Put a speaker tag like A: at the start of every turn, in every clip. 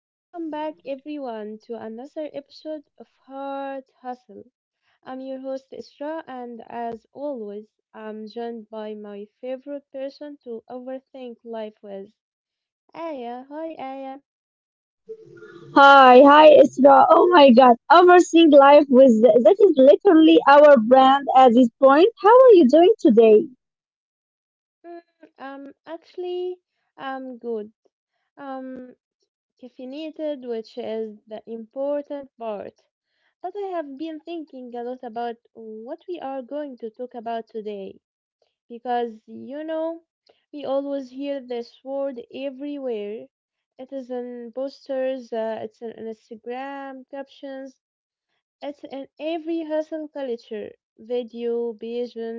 A: Welcome back, everyone, to another episode of Heart Hustle. I'm your host, Isra, and as always, I'm joined by my favorite person to overthink life with, Aya. Hi, Aya.
B: Hi, Isra. Oh my God, overseeing life with that is literally our brand at this point. How are you doing today?
A: Mm, actually, I'm good. Um, caffeinated, which is the important part. But I have been thinking a lot about what we are going to talk about today, because you know we always hear this word everywhere. It is in posters, it's in Instagram captions, it's in every hustle culture video. Vision.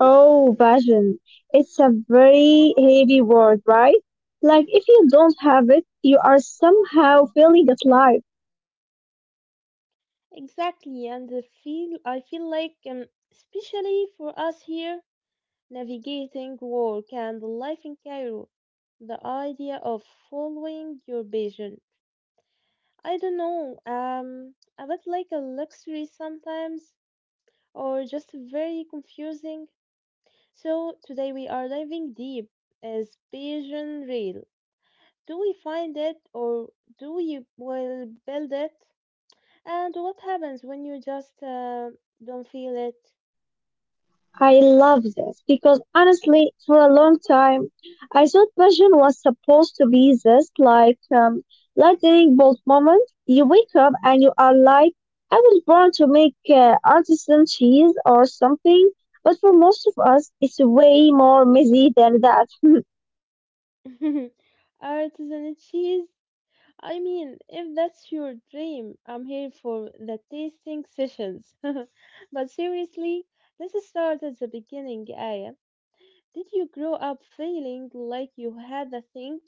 B: Oh, passion. It's a very heavy word, right? Like if you don't have it, you are somehow feeling alive.
A: Exactly. And the feel I feel like, especially for us here navigating work and life in Cairo, the idea of following your vision, I don't know, um, a bit like a luxury sometimes, or just very confusing? So today we are diving deep. Is Bayesian real? Do we find it, or do we will build it? And what happens when you just don't feel it?
B: I love this because honestly, for a long time, I thought passion was supposed to be this like lightning bolt moment. You wake up and you are like, I was born to make artisan cheese or something. But for most of us, it's way more messy than that.
A: Artisan cheese? I mean, if that's your dream, I'm here for the tasting sessions. But seriously, let's start at the beginning, Aya. Did you grow up feeling like you had a thing?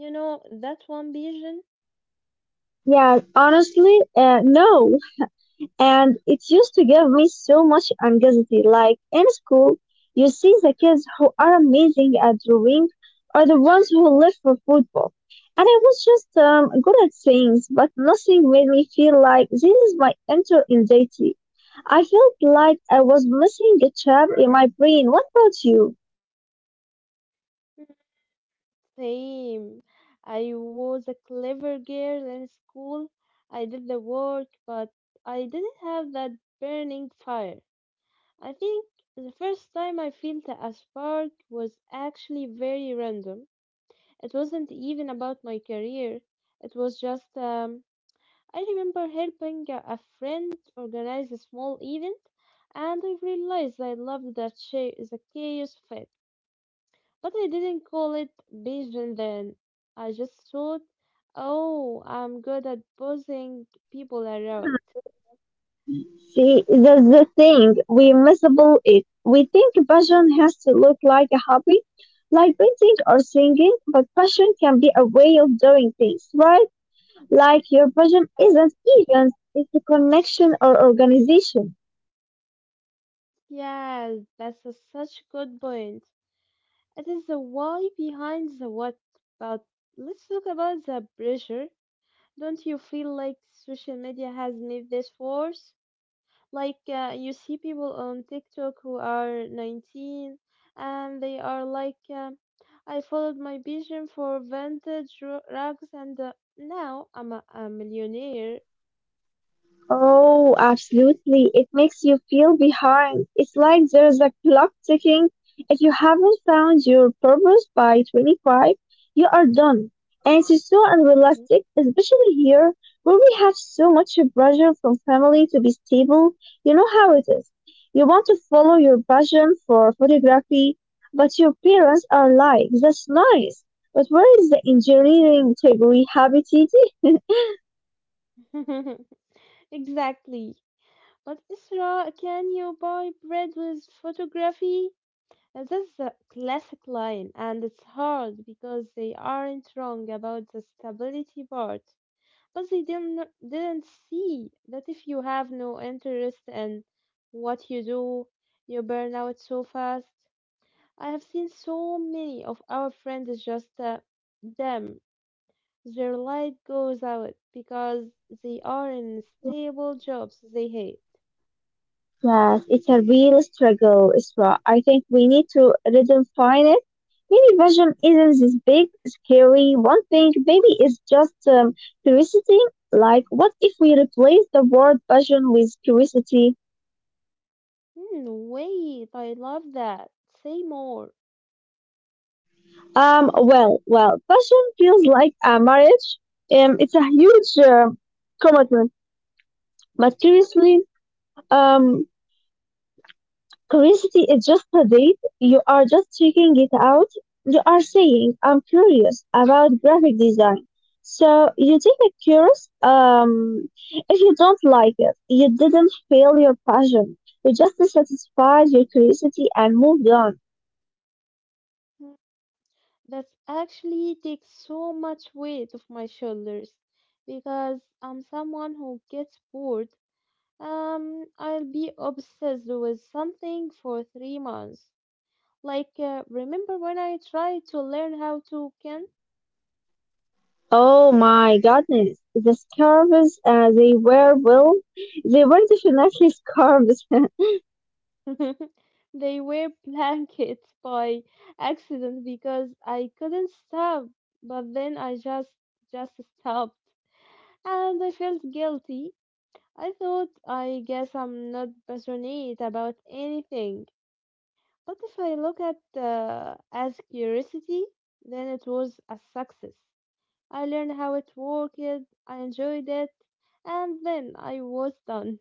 A: You know, that one vision?
B: Yeah, honestly, no. And it used to give me so much anxiety. Like in school, you see the kids who are amazing at drawing are the ones who live for football. And I was just good at things, but nothing made me feel like this is my enter identity. I felt like I was missing a chapter in my brain. What about you?
A: Same. I was a clever girl in school. I did the work, but I didn't have that burning fire. I think the first time I felt a spark was actually very random. It wasn't even about my career. It was just, I remember helping a friend organize a small event, and I realized I loved the chaos of it. But I didn't call it Beijing then. I just thought, oh, I'm good at bossing people around.
B: See, that's the thing. We miserable it. We think passion has to look like a hobby, like painting or singing, but passion can be a way of doing things, right? Like your passion
A: Yes,
B: isn't even, it's a connection or organization.
A: yes, that's a such good point. It is the why behind the what. But let's talk about the pressure. Don't you feel like social media has made this worse? Like, you see people on TikTok who are 19 and they are like, I followed my vision for rugs, and now I'm a millionaire.
B: Oh, absolutely. It makes you feel behind. It's like there's a clock ticking. If you haven't found your purpose by 25, you are done. And it is so unrealistic, especially here where we have so much pressure from family to be stable. You know how it is. You want to follow your passion for photography, but your parents are like, that's nice. But where is the engineering degree happy TT?
A: Mhm. Exactly. But Isra, can you buy bread with photography? That's a classic line, and it's hard because they aren't wrong about the stability part. But they didn't see that if you have no interest in what you do, you burn out so fast. I have seen so many of our friends just, them. Their light goes out because they are in stable jobs they hate.
B: Yes, it's a real struggle, Isra. I think we need to redefine it. Maybe vision isn't this big, scary one thing. Maybe it's just curiosity. Like, what if we replace the word vision with curiosity?
A: Hmm, wait, I love that. Say more.
B: Well, passion feels like a marriage. It's a huge commitment. But seriously, um, curiosity is just a date. You are just checking it out. You are saying, I'm curious about graphic design. So you take a course. If you don't like it, you didn't fail your passion. You just satisfied your curiosity and moved on.
A: Hmm, that's actually takes so much weight off my shoulders because I'm someone who gets bored. I'll be obsessed with something for 3 months. Like, remember when I tried to learn how to can?
B: Oh my goodness. The scarves they were, well, they were definitely scarves.
A: They were blankets by accident because I couldn't stop. But then I just stopped, and I felt guilty. I thought, I guess I'm not passionate about anything. But if I look at as curiosity, then it was a success. I learned how it worked, I enjoyed it, and then I was done.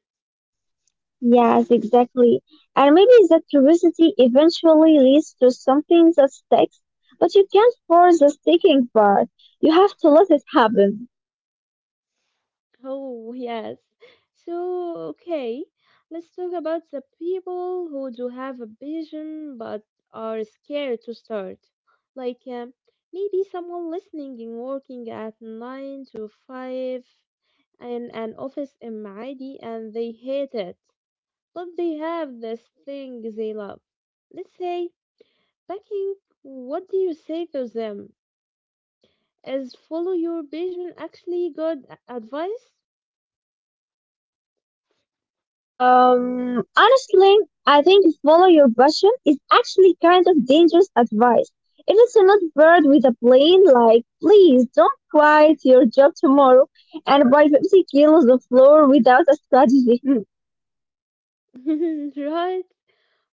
B: Yes, exactly. And maybe that curiosity eventually leads to something that sticks, but you can't force the sticking part. You have to let it happen.
A: Oh, yes. So, okay, let's talk about the people who do have a vision but are scared to start. Like, maybe someone listening and working at 9 to 5 in an office in Maadi, and they hate it, but they have this thing they love. Let's say, backing, what do you say to them? Is follow your passion actually advice?
B: Honestly, I think follow your passion is actually kind of dangerous advice. If it's not bird with a plane, like, please don't quit your job tomorrow and buy 50 kilos of flour without a strategy.
A: Right?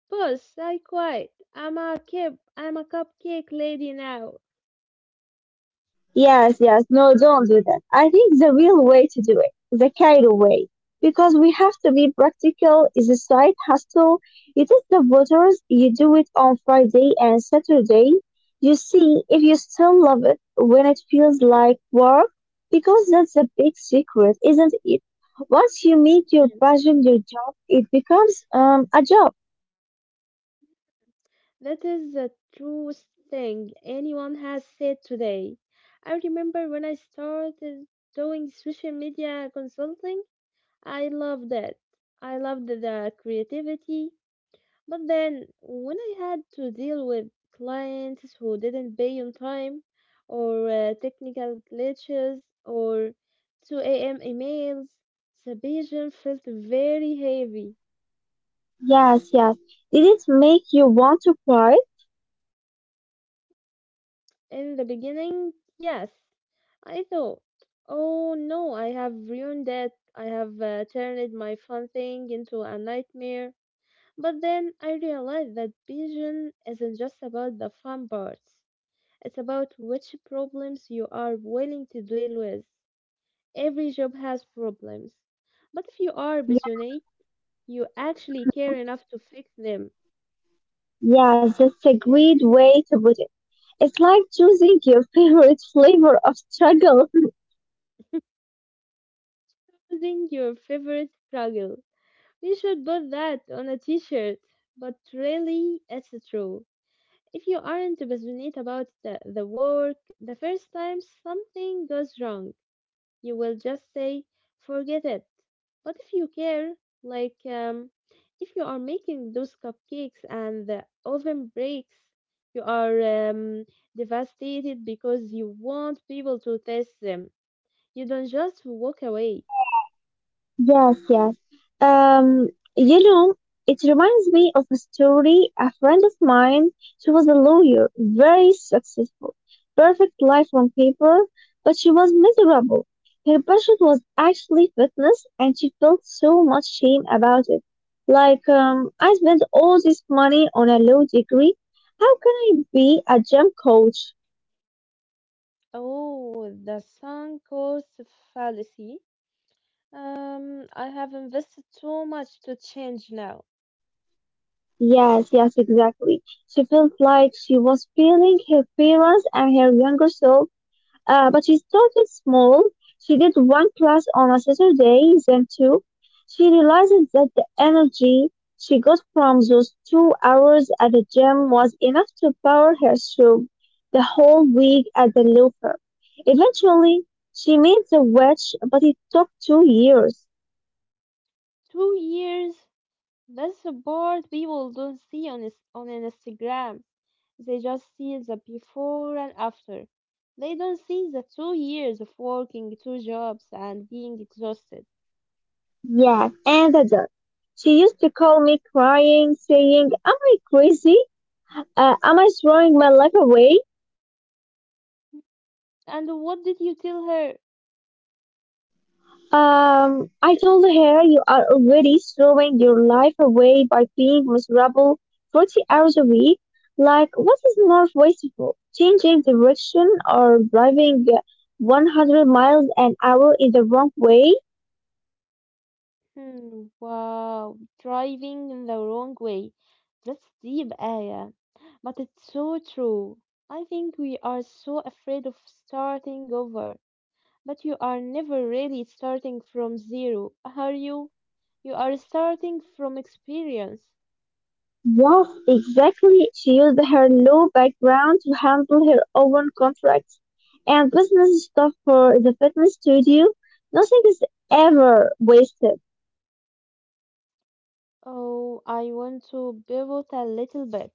A: Boss, I quit. I'm a cupcake lady now.
B: Yes, yes. No, don't do that. I think the real way to do it, the Cairo way, because we have to be practical, is a side hustle. You test the waters, you do it on Friday and Saturday. You see if you still love it when it feels like work, because that's a big secret, isn't it? Once you make your
A: Hmm,
B: passion your job, it becomes a job.
A: that is the truest thing anyone has said today. I remember when I started doing social media consulting, I loved it. I loved the creativity. But then, when I had to deal with clients who didn't pay on time, or technical glitches, or 2 a.m. emails, the vision felt very heavy.
B: Yes, yes. Did it make you want to cry?
A: In the beginning, yes, I thought, oh no, I have ruined it. I have turned my fun thing into a nightmare. But then I realized that vision isn't just about the fun parts. It's about which problems you are willing to deal with. Every job has problems. But if you are passionate,
B: Yeah.
A: you actually care
B: Mm-hmm.
A: enough to fix them
B: Yeah, that's a great way to put it. It's like choosing your favorite flavor of struggle.
A: using your favorite struggle. We should put that on a t-shirt, but really, it's true. If you aren't passionate about the work, the first time something goes wrong, you will just say, forget it. But if you care, like, if you are making those cupcakes and the oven breaks, you are, devastated because you want people to taste them. You don't just walk away.
B: Yes, yes. Um, you know, it reminds me of a story. A friend of mine, she was a lawyer, very successful, perfect life on paper, but she was miserable. Her passion was actually fitness, and she felt so much shame about it. Like, I spent all this money on a law degree. How can I be a gym coach?
A: Oh, the sunk cost fallacy. I have invested too much to change now.
B: Yes, yes, exactly. She felt like she was failing her parents and her younger self, but she started small. She did one class on a Saturday, then two. She realized that the energy she got from those 2 hours at the gym was enough to power her through the whole week at the looper. Eventually, she made the wedge, but it took 2 years.
A: 2 years. That's the part people don't see on Instagram. They just see the before and after. They don't see the 2 years of working two jobs and being exhausted.
B: Yes, and the dog. She used to call me crying, saying, am I crazy? Am I throwing my life away?
A: And what did you tell her?
B: I told her, you are already throwing your life away by being miserable 40 hours a week. Like, what is more wasteful? Changing direction or driving 100 miles an hour in the wrong way?
A: Hmm, wow, driving in the wrong way. That's deep, Aya. But it's so true. I think we are so afraid of starting over. But you are never really starting from zero, are you? You are starting from experience.
B: Yes, exactly. She used her law background to handle her own contracts and business stuff for the fitness studio. Nothing is ever wasted.
A: Oh, I want to pivot a little bit.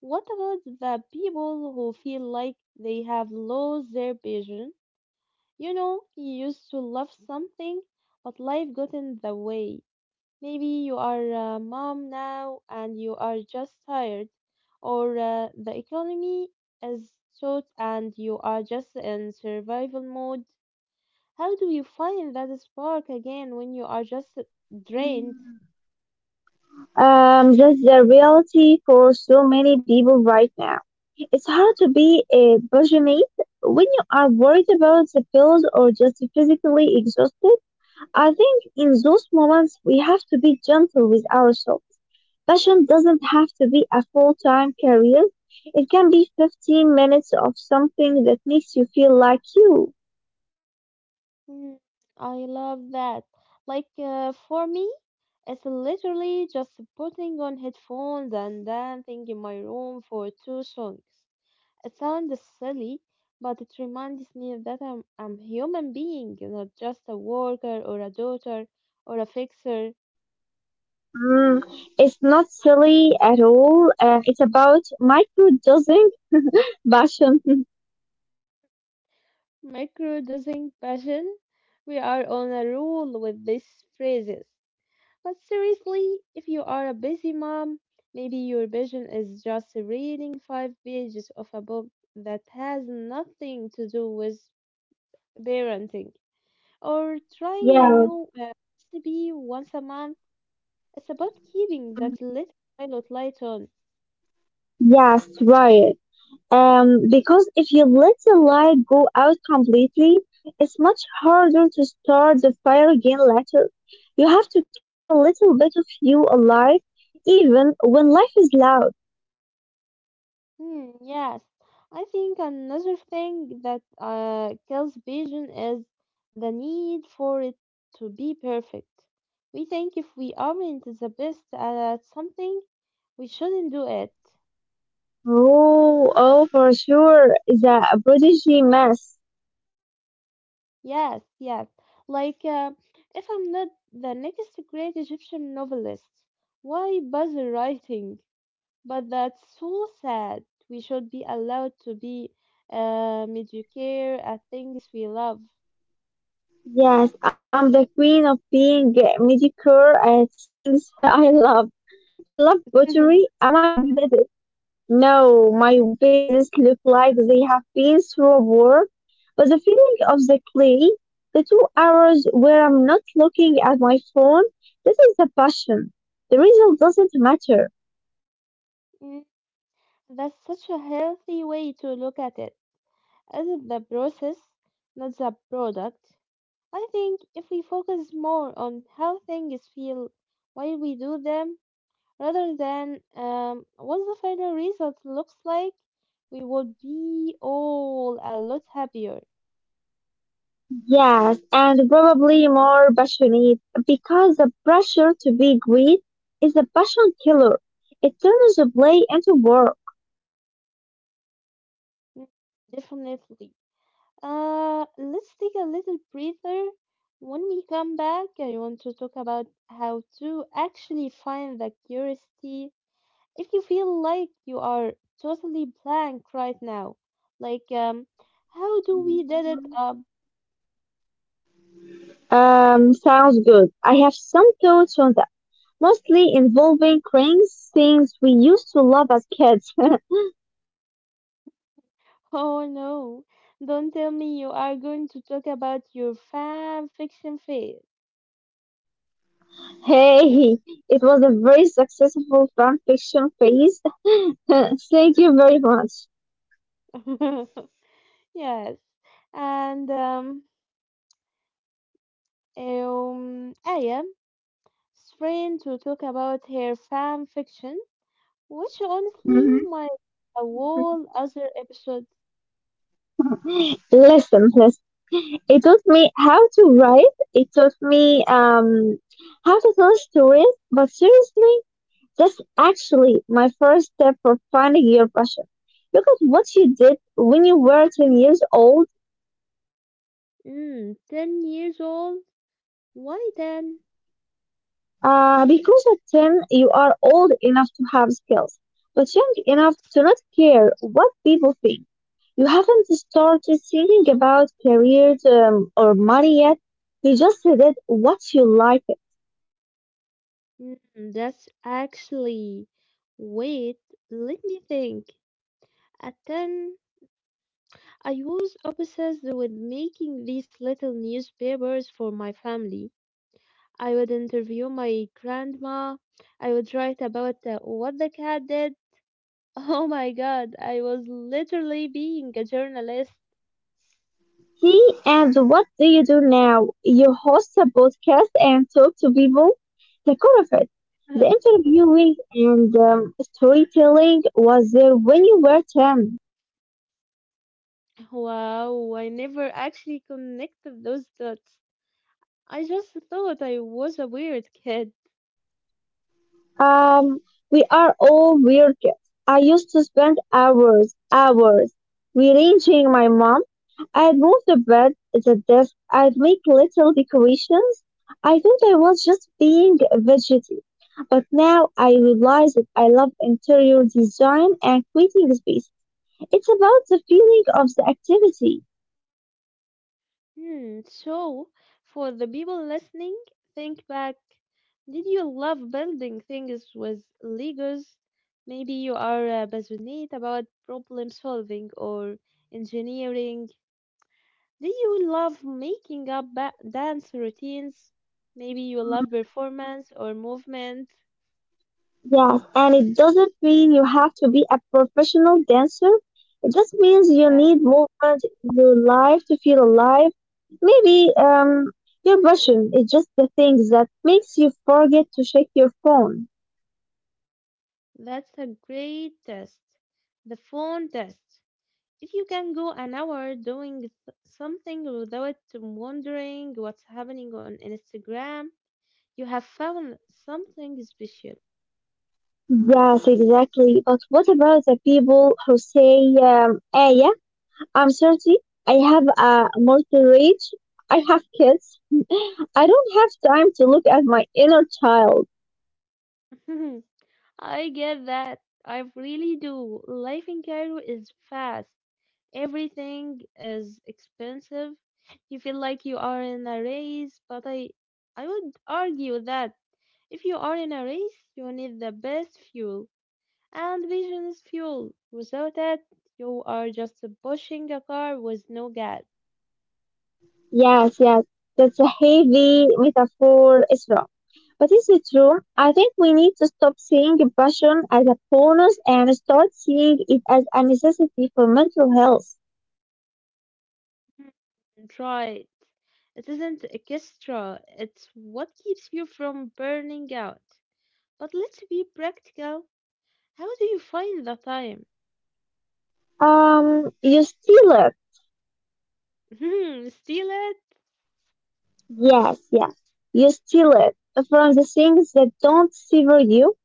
A: What about the people who feel like they have lost their vision? You know, you used to love something, but life got in the way. Maybe you are a mom now and you are just tired, or the economy is short and you are just in survival mode. How do you find that spark again when you are just drained?
B: That's the reality for so many people right now. It's hard to be a passionate when you are worried about the bills or just physically exhausted. I think in those moments we have to be gentle with ourselves. Passion doesn't have to be a full time career, it can be 15 minutes of something that makes you feel like you.
A: Hmm, I love that. Like, for me, it's literally just putting on headphones and dancing in my room for two songs. It sounds silly, but it reminds me that I'm a human being, not just a worker or a daughter or a fixer.
B: Mm, it's not silly at all, and it's about microdosing passion.
A: Microdosing passion. We are on a roll with these phrases. But seriously, if you are a busy mom, maybe your vision is just reading 5 pages of a book that has nothing to do with parenting, or trying a
B: Yeah.
A: new, recipe once a month. It's about keeping that
B: Mm.
A: little pilot light on.
B: Yes, right. Because if you let the light go out completely, it's much harder to start the fire again later. You have to keep a little bit of you alive, even when life is loud.
A: Hmm, yes. I think another thing that kills vision is the need for it to be perfect. We think if we aren't the best at something, we shouldn't do it.
B: Oh, oh, for sure, the prodigy mess.
A: Yes, like, if I'm not the next great Egyptian novelist, why bother writing? But that's so sad. We should be allowed to be, mediocre at things we love.
B: Yes, I'm the queen of being mediocre at things I love. I love pottery. Am I good at? No, my vases look like they have been through a war, but the feeling of the clay, the 2 hours where I'm not looking at my phone, this is the passion. The result doesn't matter.
A: That's such a healthy way to look at it. Is it is the process, not the product? I think if we focus more on how things feel while we do them, rather than, what the final result looks like, we would be all a lot happier.
B: Yes, and probably more passionate because the pressure to be great is a passion killer. It turns the play into work.
A: Mm, definitely. Let's take a little breather. When we come back, I want to talk about how to actually find the curiosity if you feel like you are totally blank right now, like, how do we did
B: Mhm.
A: it up?
B: Sounds good. I have some thoughts on that, mostly involving cranes, things we used to love as kids.
A: Oh no, don't tell me you are going to talk about your fan fiction phase.
B: Hey, it was a very successful fan fiction phase. Thank you very much.
A: Yes, and Aya strained to talk about her fan fiction, which honestly
B: Hmm.
A: might a whole other episode.
B: Listen, listen. It taught me how to write. It taught me how to tell stories. But seriously, that's actually my first step for finding your passion. Look at what you did when you were 10 years old.
A: Mm, 10 years old? Why then?
B: Because at 10, you are old enough to have skills, but young enough to not care what people think. You haven't started thinking about careers or money yet. You just did what you like.
A: Mm, that's actually. Wait, let me think. At 10, I was obsessed with making these little newspapers for my family. I would interview my grandma. I would write about what the cat did. Oh my god, I was literally being a journalist.
B: See, and what do you do now? You host a podcast and talk to people. The core of it, the interviewing and storytelling was there when you were 10.
A: Wow, I never actually connected those dots. I just thought I was a weird kid.
B: Um, we are all weird kids. I used to spend hours rearranging my mom. I'd move the bed, the desk, I'd make little decorations. I thought I was just being a fidgety. But now I realize that I love interior design and creating space. It's about the feeling of the activity.
A: Hmm, so, for the people listening, think back. Did you love building things with Legos? Maybe you are passionate about problem solving or engineering. Do you love making up dance routines? Maybe you love performance or movement.
B: Yes, and it doesn't mean you have to be a professional dancer. It just means you
A: Yes,
B: need movement in your life to feel alive. Maybe your passion is just the things that makes you forget to check your phone.
A: that's a great test. The phone test. If you can go an hour doing something without wondering what's happening on Instagram, you have found something special.
B: Yes, exactly. But what about the people who say, ah yeah, I'm 30. I have a mortgage. I have kids. I don't have time to look at my inner child."
A: I get that. I really do. Life in Cairo is fast. Everything is expensive. You feel like you are in a race, but I would argue that if you are in a race, you need the best fuel. And vision is fuel. Without it, you are just pushing a car with no gas.
B: Yes, yes, that's a heavy metaphor, Isra. But is it true? I think we need to stop seeing passion as a bonus and start seeing it as a necessity for mental health.
A: Hmm, right. It isn't extra, it's what keeps you from burning out. But let's be practical. How do you find the time?
B: You steal it.
A: Hmm, steal it?
B: Yes, yes, you steal it from the things that don't savor you.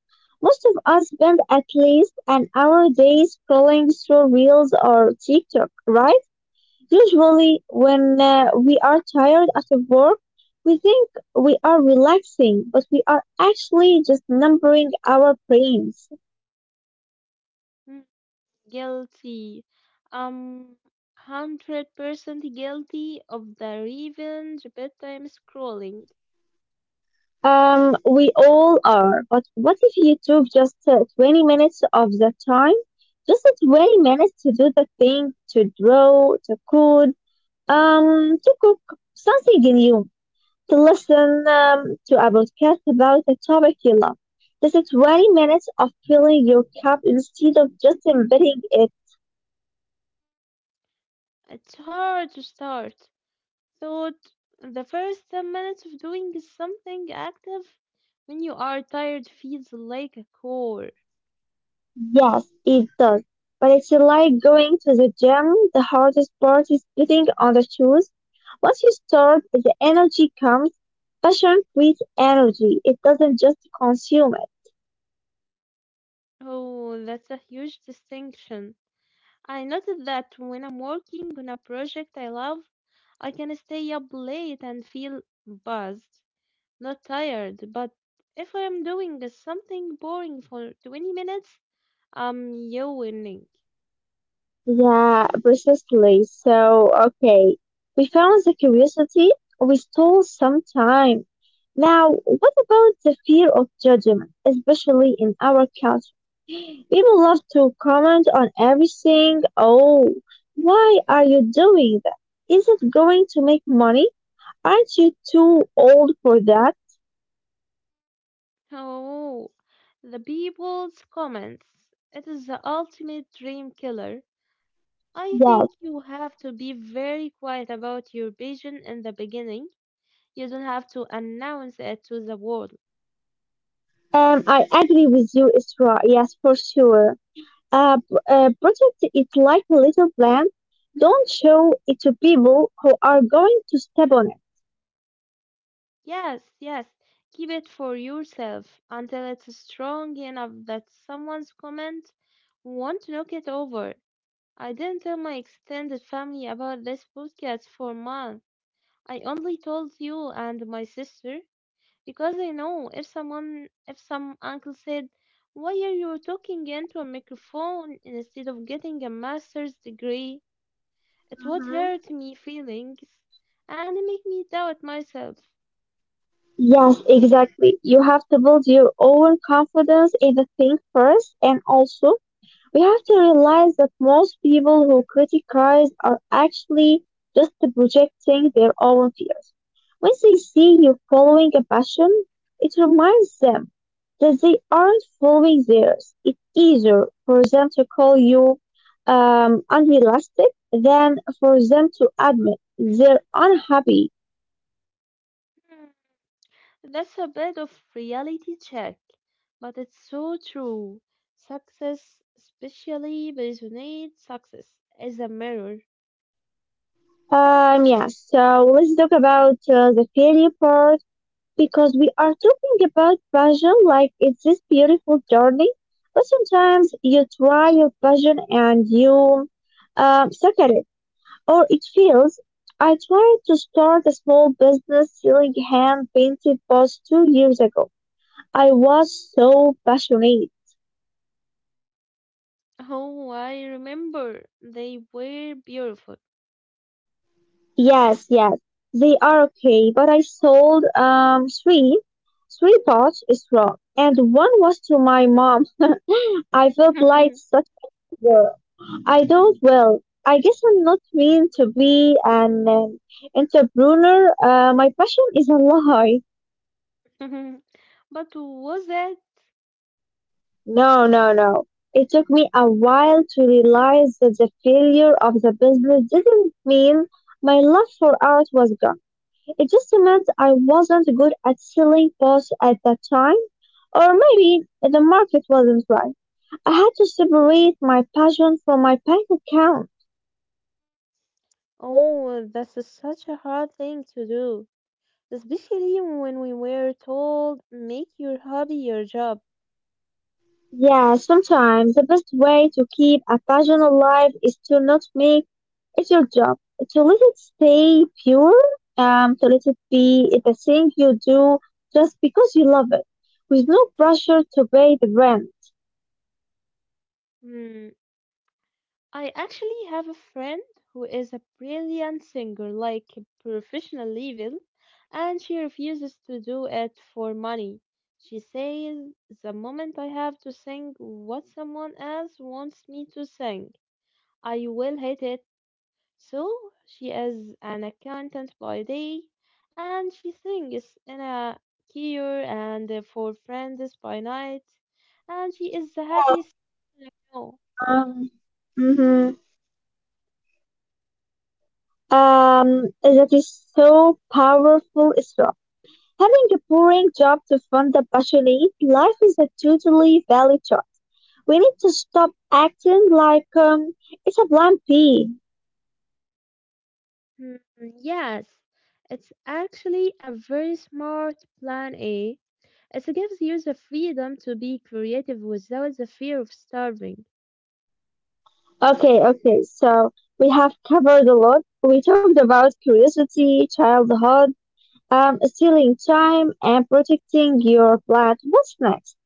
B: Most of us spend at least an hour a day scrolling through reels or TikTok, right? Usually, when we are tired after work, we think we are relaxing, but we are actually just numbing our brains.
A: Hmm, guilty. Um, 100% guilty of the revenge bedtime scrolling.
B: We all are. But what if you took just 20 minutes of that time? Just 20 minutes to do the thing, to draw, to code, to cook something new, to listen to a podcast about a topic you love. This is 20 minutes of filling your cup instead of just emptying it.
A: It's hard to start. So, the first 10 minutes of doing something active when you are tired feels like a chore.
B: Yes, it does. But it's like going to the gym. The hardest part is putting on the shoes. Once you start, the energy comes. Passion creates energy. It doesn't just consume.
A: Oh, that's a huge distinction. I noticed that when I'm working on a project I love, I can stay up late and feel buzzed, not tired. But if I'm doing something boring for 20 minutes, I'm yawning.
B: Yeah, precisely. So, okay, we found the curiosity, we stole some time. Now, what about the fear of judgment, especially in our culture? People love to comment on everything. Oh, why are you doing that? Is it going to make money? Aren't you too old for that?
A: Oh, the people's comments. It is the ultimate dream killer. I think
B: Yes.
A: you have to be very quiet about your vision in the beginning. You don't have to announce it to the world.
B: I agree with you, Isra. Yes, for sure. A, a project is like a little plant. Don't show it to people who are going to step on it.
A: Yes, yes. Keep it for yourself until it's strong enough that someone's comment won't knock it over. I didn't tell my extended family about this podcast for months. I only told you and my sister, because I know if someone if some uncle said, why are you talking into a
B: Mm-hmm.
A: microphone instead of getting a master's degree? It would hurt me feelings and make me doubt myself.
B: Yes, exactly. You have to build your own confidence in the thing first, and also we have to realize that most people who criticize are actually just projecting their own fears. When they see you following a passion, it reminds them that they aren't following theirs. It's easier for them to call you unrealistic than for them to admit they're unhappy.
A: Hmm, That's a bit of reality check, but it's so true. Success, especially resonate success, is a mirror.
B: Yeah, so let's talk about the failure part because we are talking about passion like it's this beautiful journey. But sometimes you try your passion and you suck at it, or it fails. I tried to start a small business selling hand painted pots 2 years ago. I was so passionate.
A: Oh, I remember they were beautiful.
B: Yes, yes, they are okay, but I sold three pots is wrong, and one was to my mom. I felt like such a loser. I don't, well, I guess I'm not meant to be an, entrepreneur. My passion is a lie.
A: But was it?
B: No, no, no. It took me a while to realize that the failure of the business didn't mean my love for art was gone. It just meant I wasn't good at selling posts at that time, or maybe the market wasn't right. I had to separate my passion from my bank account.
A: Oh, that's such a hard thing to do, especially when we were told make your hobby your job.
B: Yeah, sometimes the best way to keep a passion alive is to not make it your job, to let it stay pure, to let it be the thing you do just because you love it, with no pressure to pay the rent.
A: Hmm, I actually have a friend who is a brilliant singer, like professional level, and she refuses to do it for money. She says, the moment I have to sing what someone else wants me to sing, I will hate it. So she is an accountant by day, and she sings in a choir and for friends by night, and she is the
B: Yeah,
A: happiest person I know.
B: um, hmm that is so powerful, Isra. Having a boring job to fund a passionate life is a totally valid choice. We need to stop acting like it's a plan B.
A: Hmm, yes, it's actually a very smart plan A. It gives you the freedom to be creative without the fear of starving.
B: Okay, okay, so we have covered a lot. We talked about curiosity, childhood, stealing time, and protecting your blood. What's next?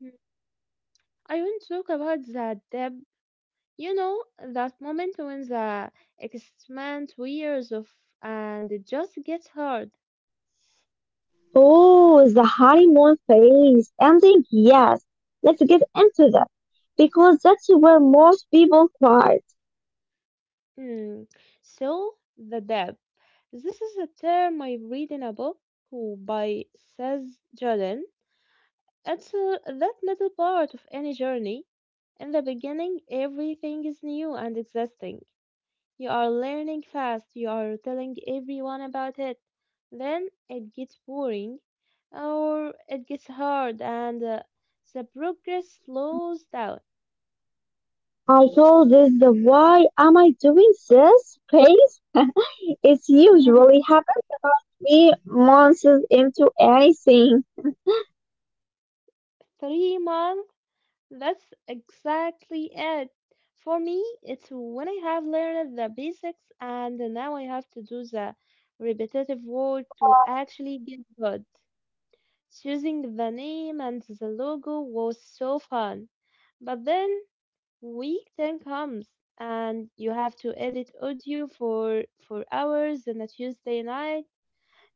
A: Hmm, I won't talk about that. You know, that moment when the excitement wears off and it just gets hard.
B: Oh, the honeymoon phase ending? Yes, let's get into that because that's where most people cry.
A: Hmm. So, the depth. This is a term I read in a book who by Saz Jordan. It's that middle part of any journey. In the beginning, everything is new and exciting. You are learning fast, you are telling everyone about it. Then it gets boring or it gets hard and the progress
B: Hmm.
A: slows down.
B: I call this the why am I doing this phase. It usually happens about 3 months into anything.
A: 3 months, that's exactly it. For me, it's when I have learned the basics and now I have to do the repetitive work to
B: Yeah.
A: actually get good. Choosing the name and the logo was so fun. But then Week 10 comes and you have to edit audio for hours on a Tuesday night.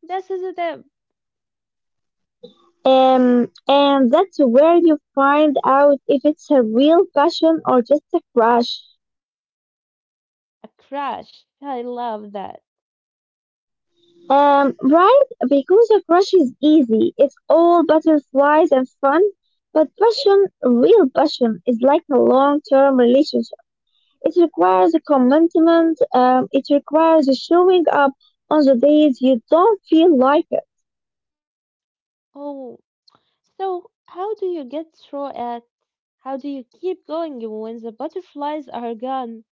A: This is
B: And that's where you find out if it's a real passion or just a crush.
A: a crash. I love that.
B: Right? Because a crush is easy. It's all butterflies and fun. But passion, real passion, is like a long-term relationship. It requires a commitment. It requires showing up on the days you don't feel like it.
A: Oh, so how do you get through it? How do you keep going when the butterflies are gone?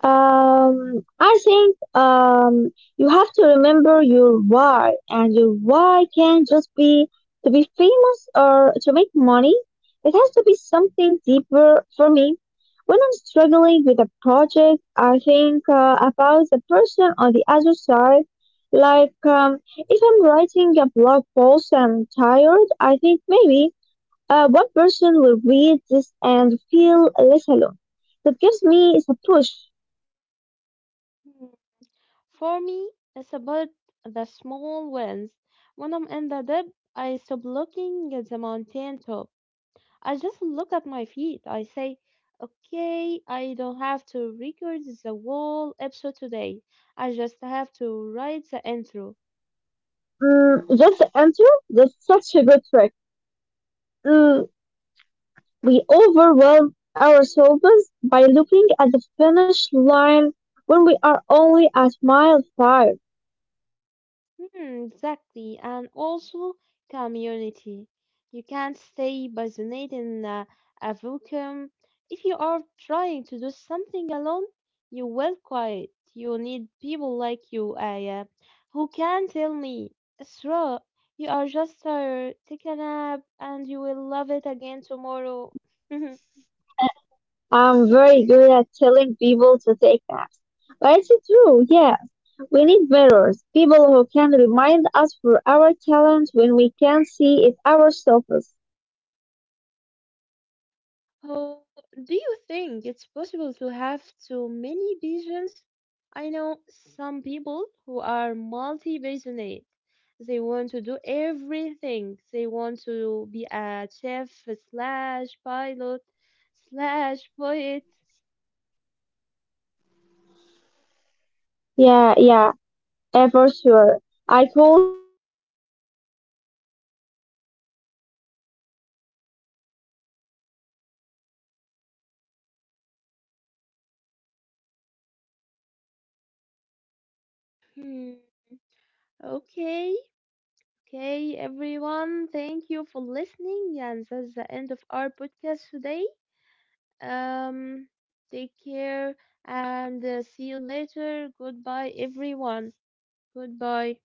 B: I think you have to remember your why, and your why can't just be to be famous or to make money. It has to be something deeper for me. When I'm struggling with a project, I think about the person on the other side. If I'm writing a blog post and I'm tired, I think maybe one person will read this and feel less alone. That gives me a push.
A: Hmm, For me, it's about the small wins. When I'm in the dip, I stop looking at the mountain top. I just look at my feet. I say, okay, I don't have to record the whole episode today. I just have to write the intro.
B: Mm, just the answer? That's such a good trick. Mm, we overwhelm ourselves by looking at the finish line when we are only at mile 5.
A: Hmm, exactly, and also community. You can't stay isolated in a vacuum. If you are trying to do something alone, you will quit. You need people like you, Aya, who can tell me, Isra, you are just tired. Take a nap, and you will love it again tomorrow.
B: I'm very good at telling people to take naps. But it's true, yeah. We need mirrors, people who can remind us for our talent when we can see it ourselves.
A: Oh, do you think it's possible to have too many visions? I know some people who are multi-passionate. They want to do everything. They want to be a chef slash pilot slash poet.
B: Yeah, yeah. For sure. I call those scanners. They scan the world for interesting things. It's a gift, but it's also a curse because they feel scattered.
A: Hmm. Okay, okay, everyone. Thank you for listening, and that's the end of our podcast today. Um, Take care and see you later. Goodbye, everyone. Goodbye.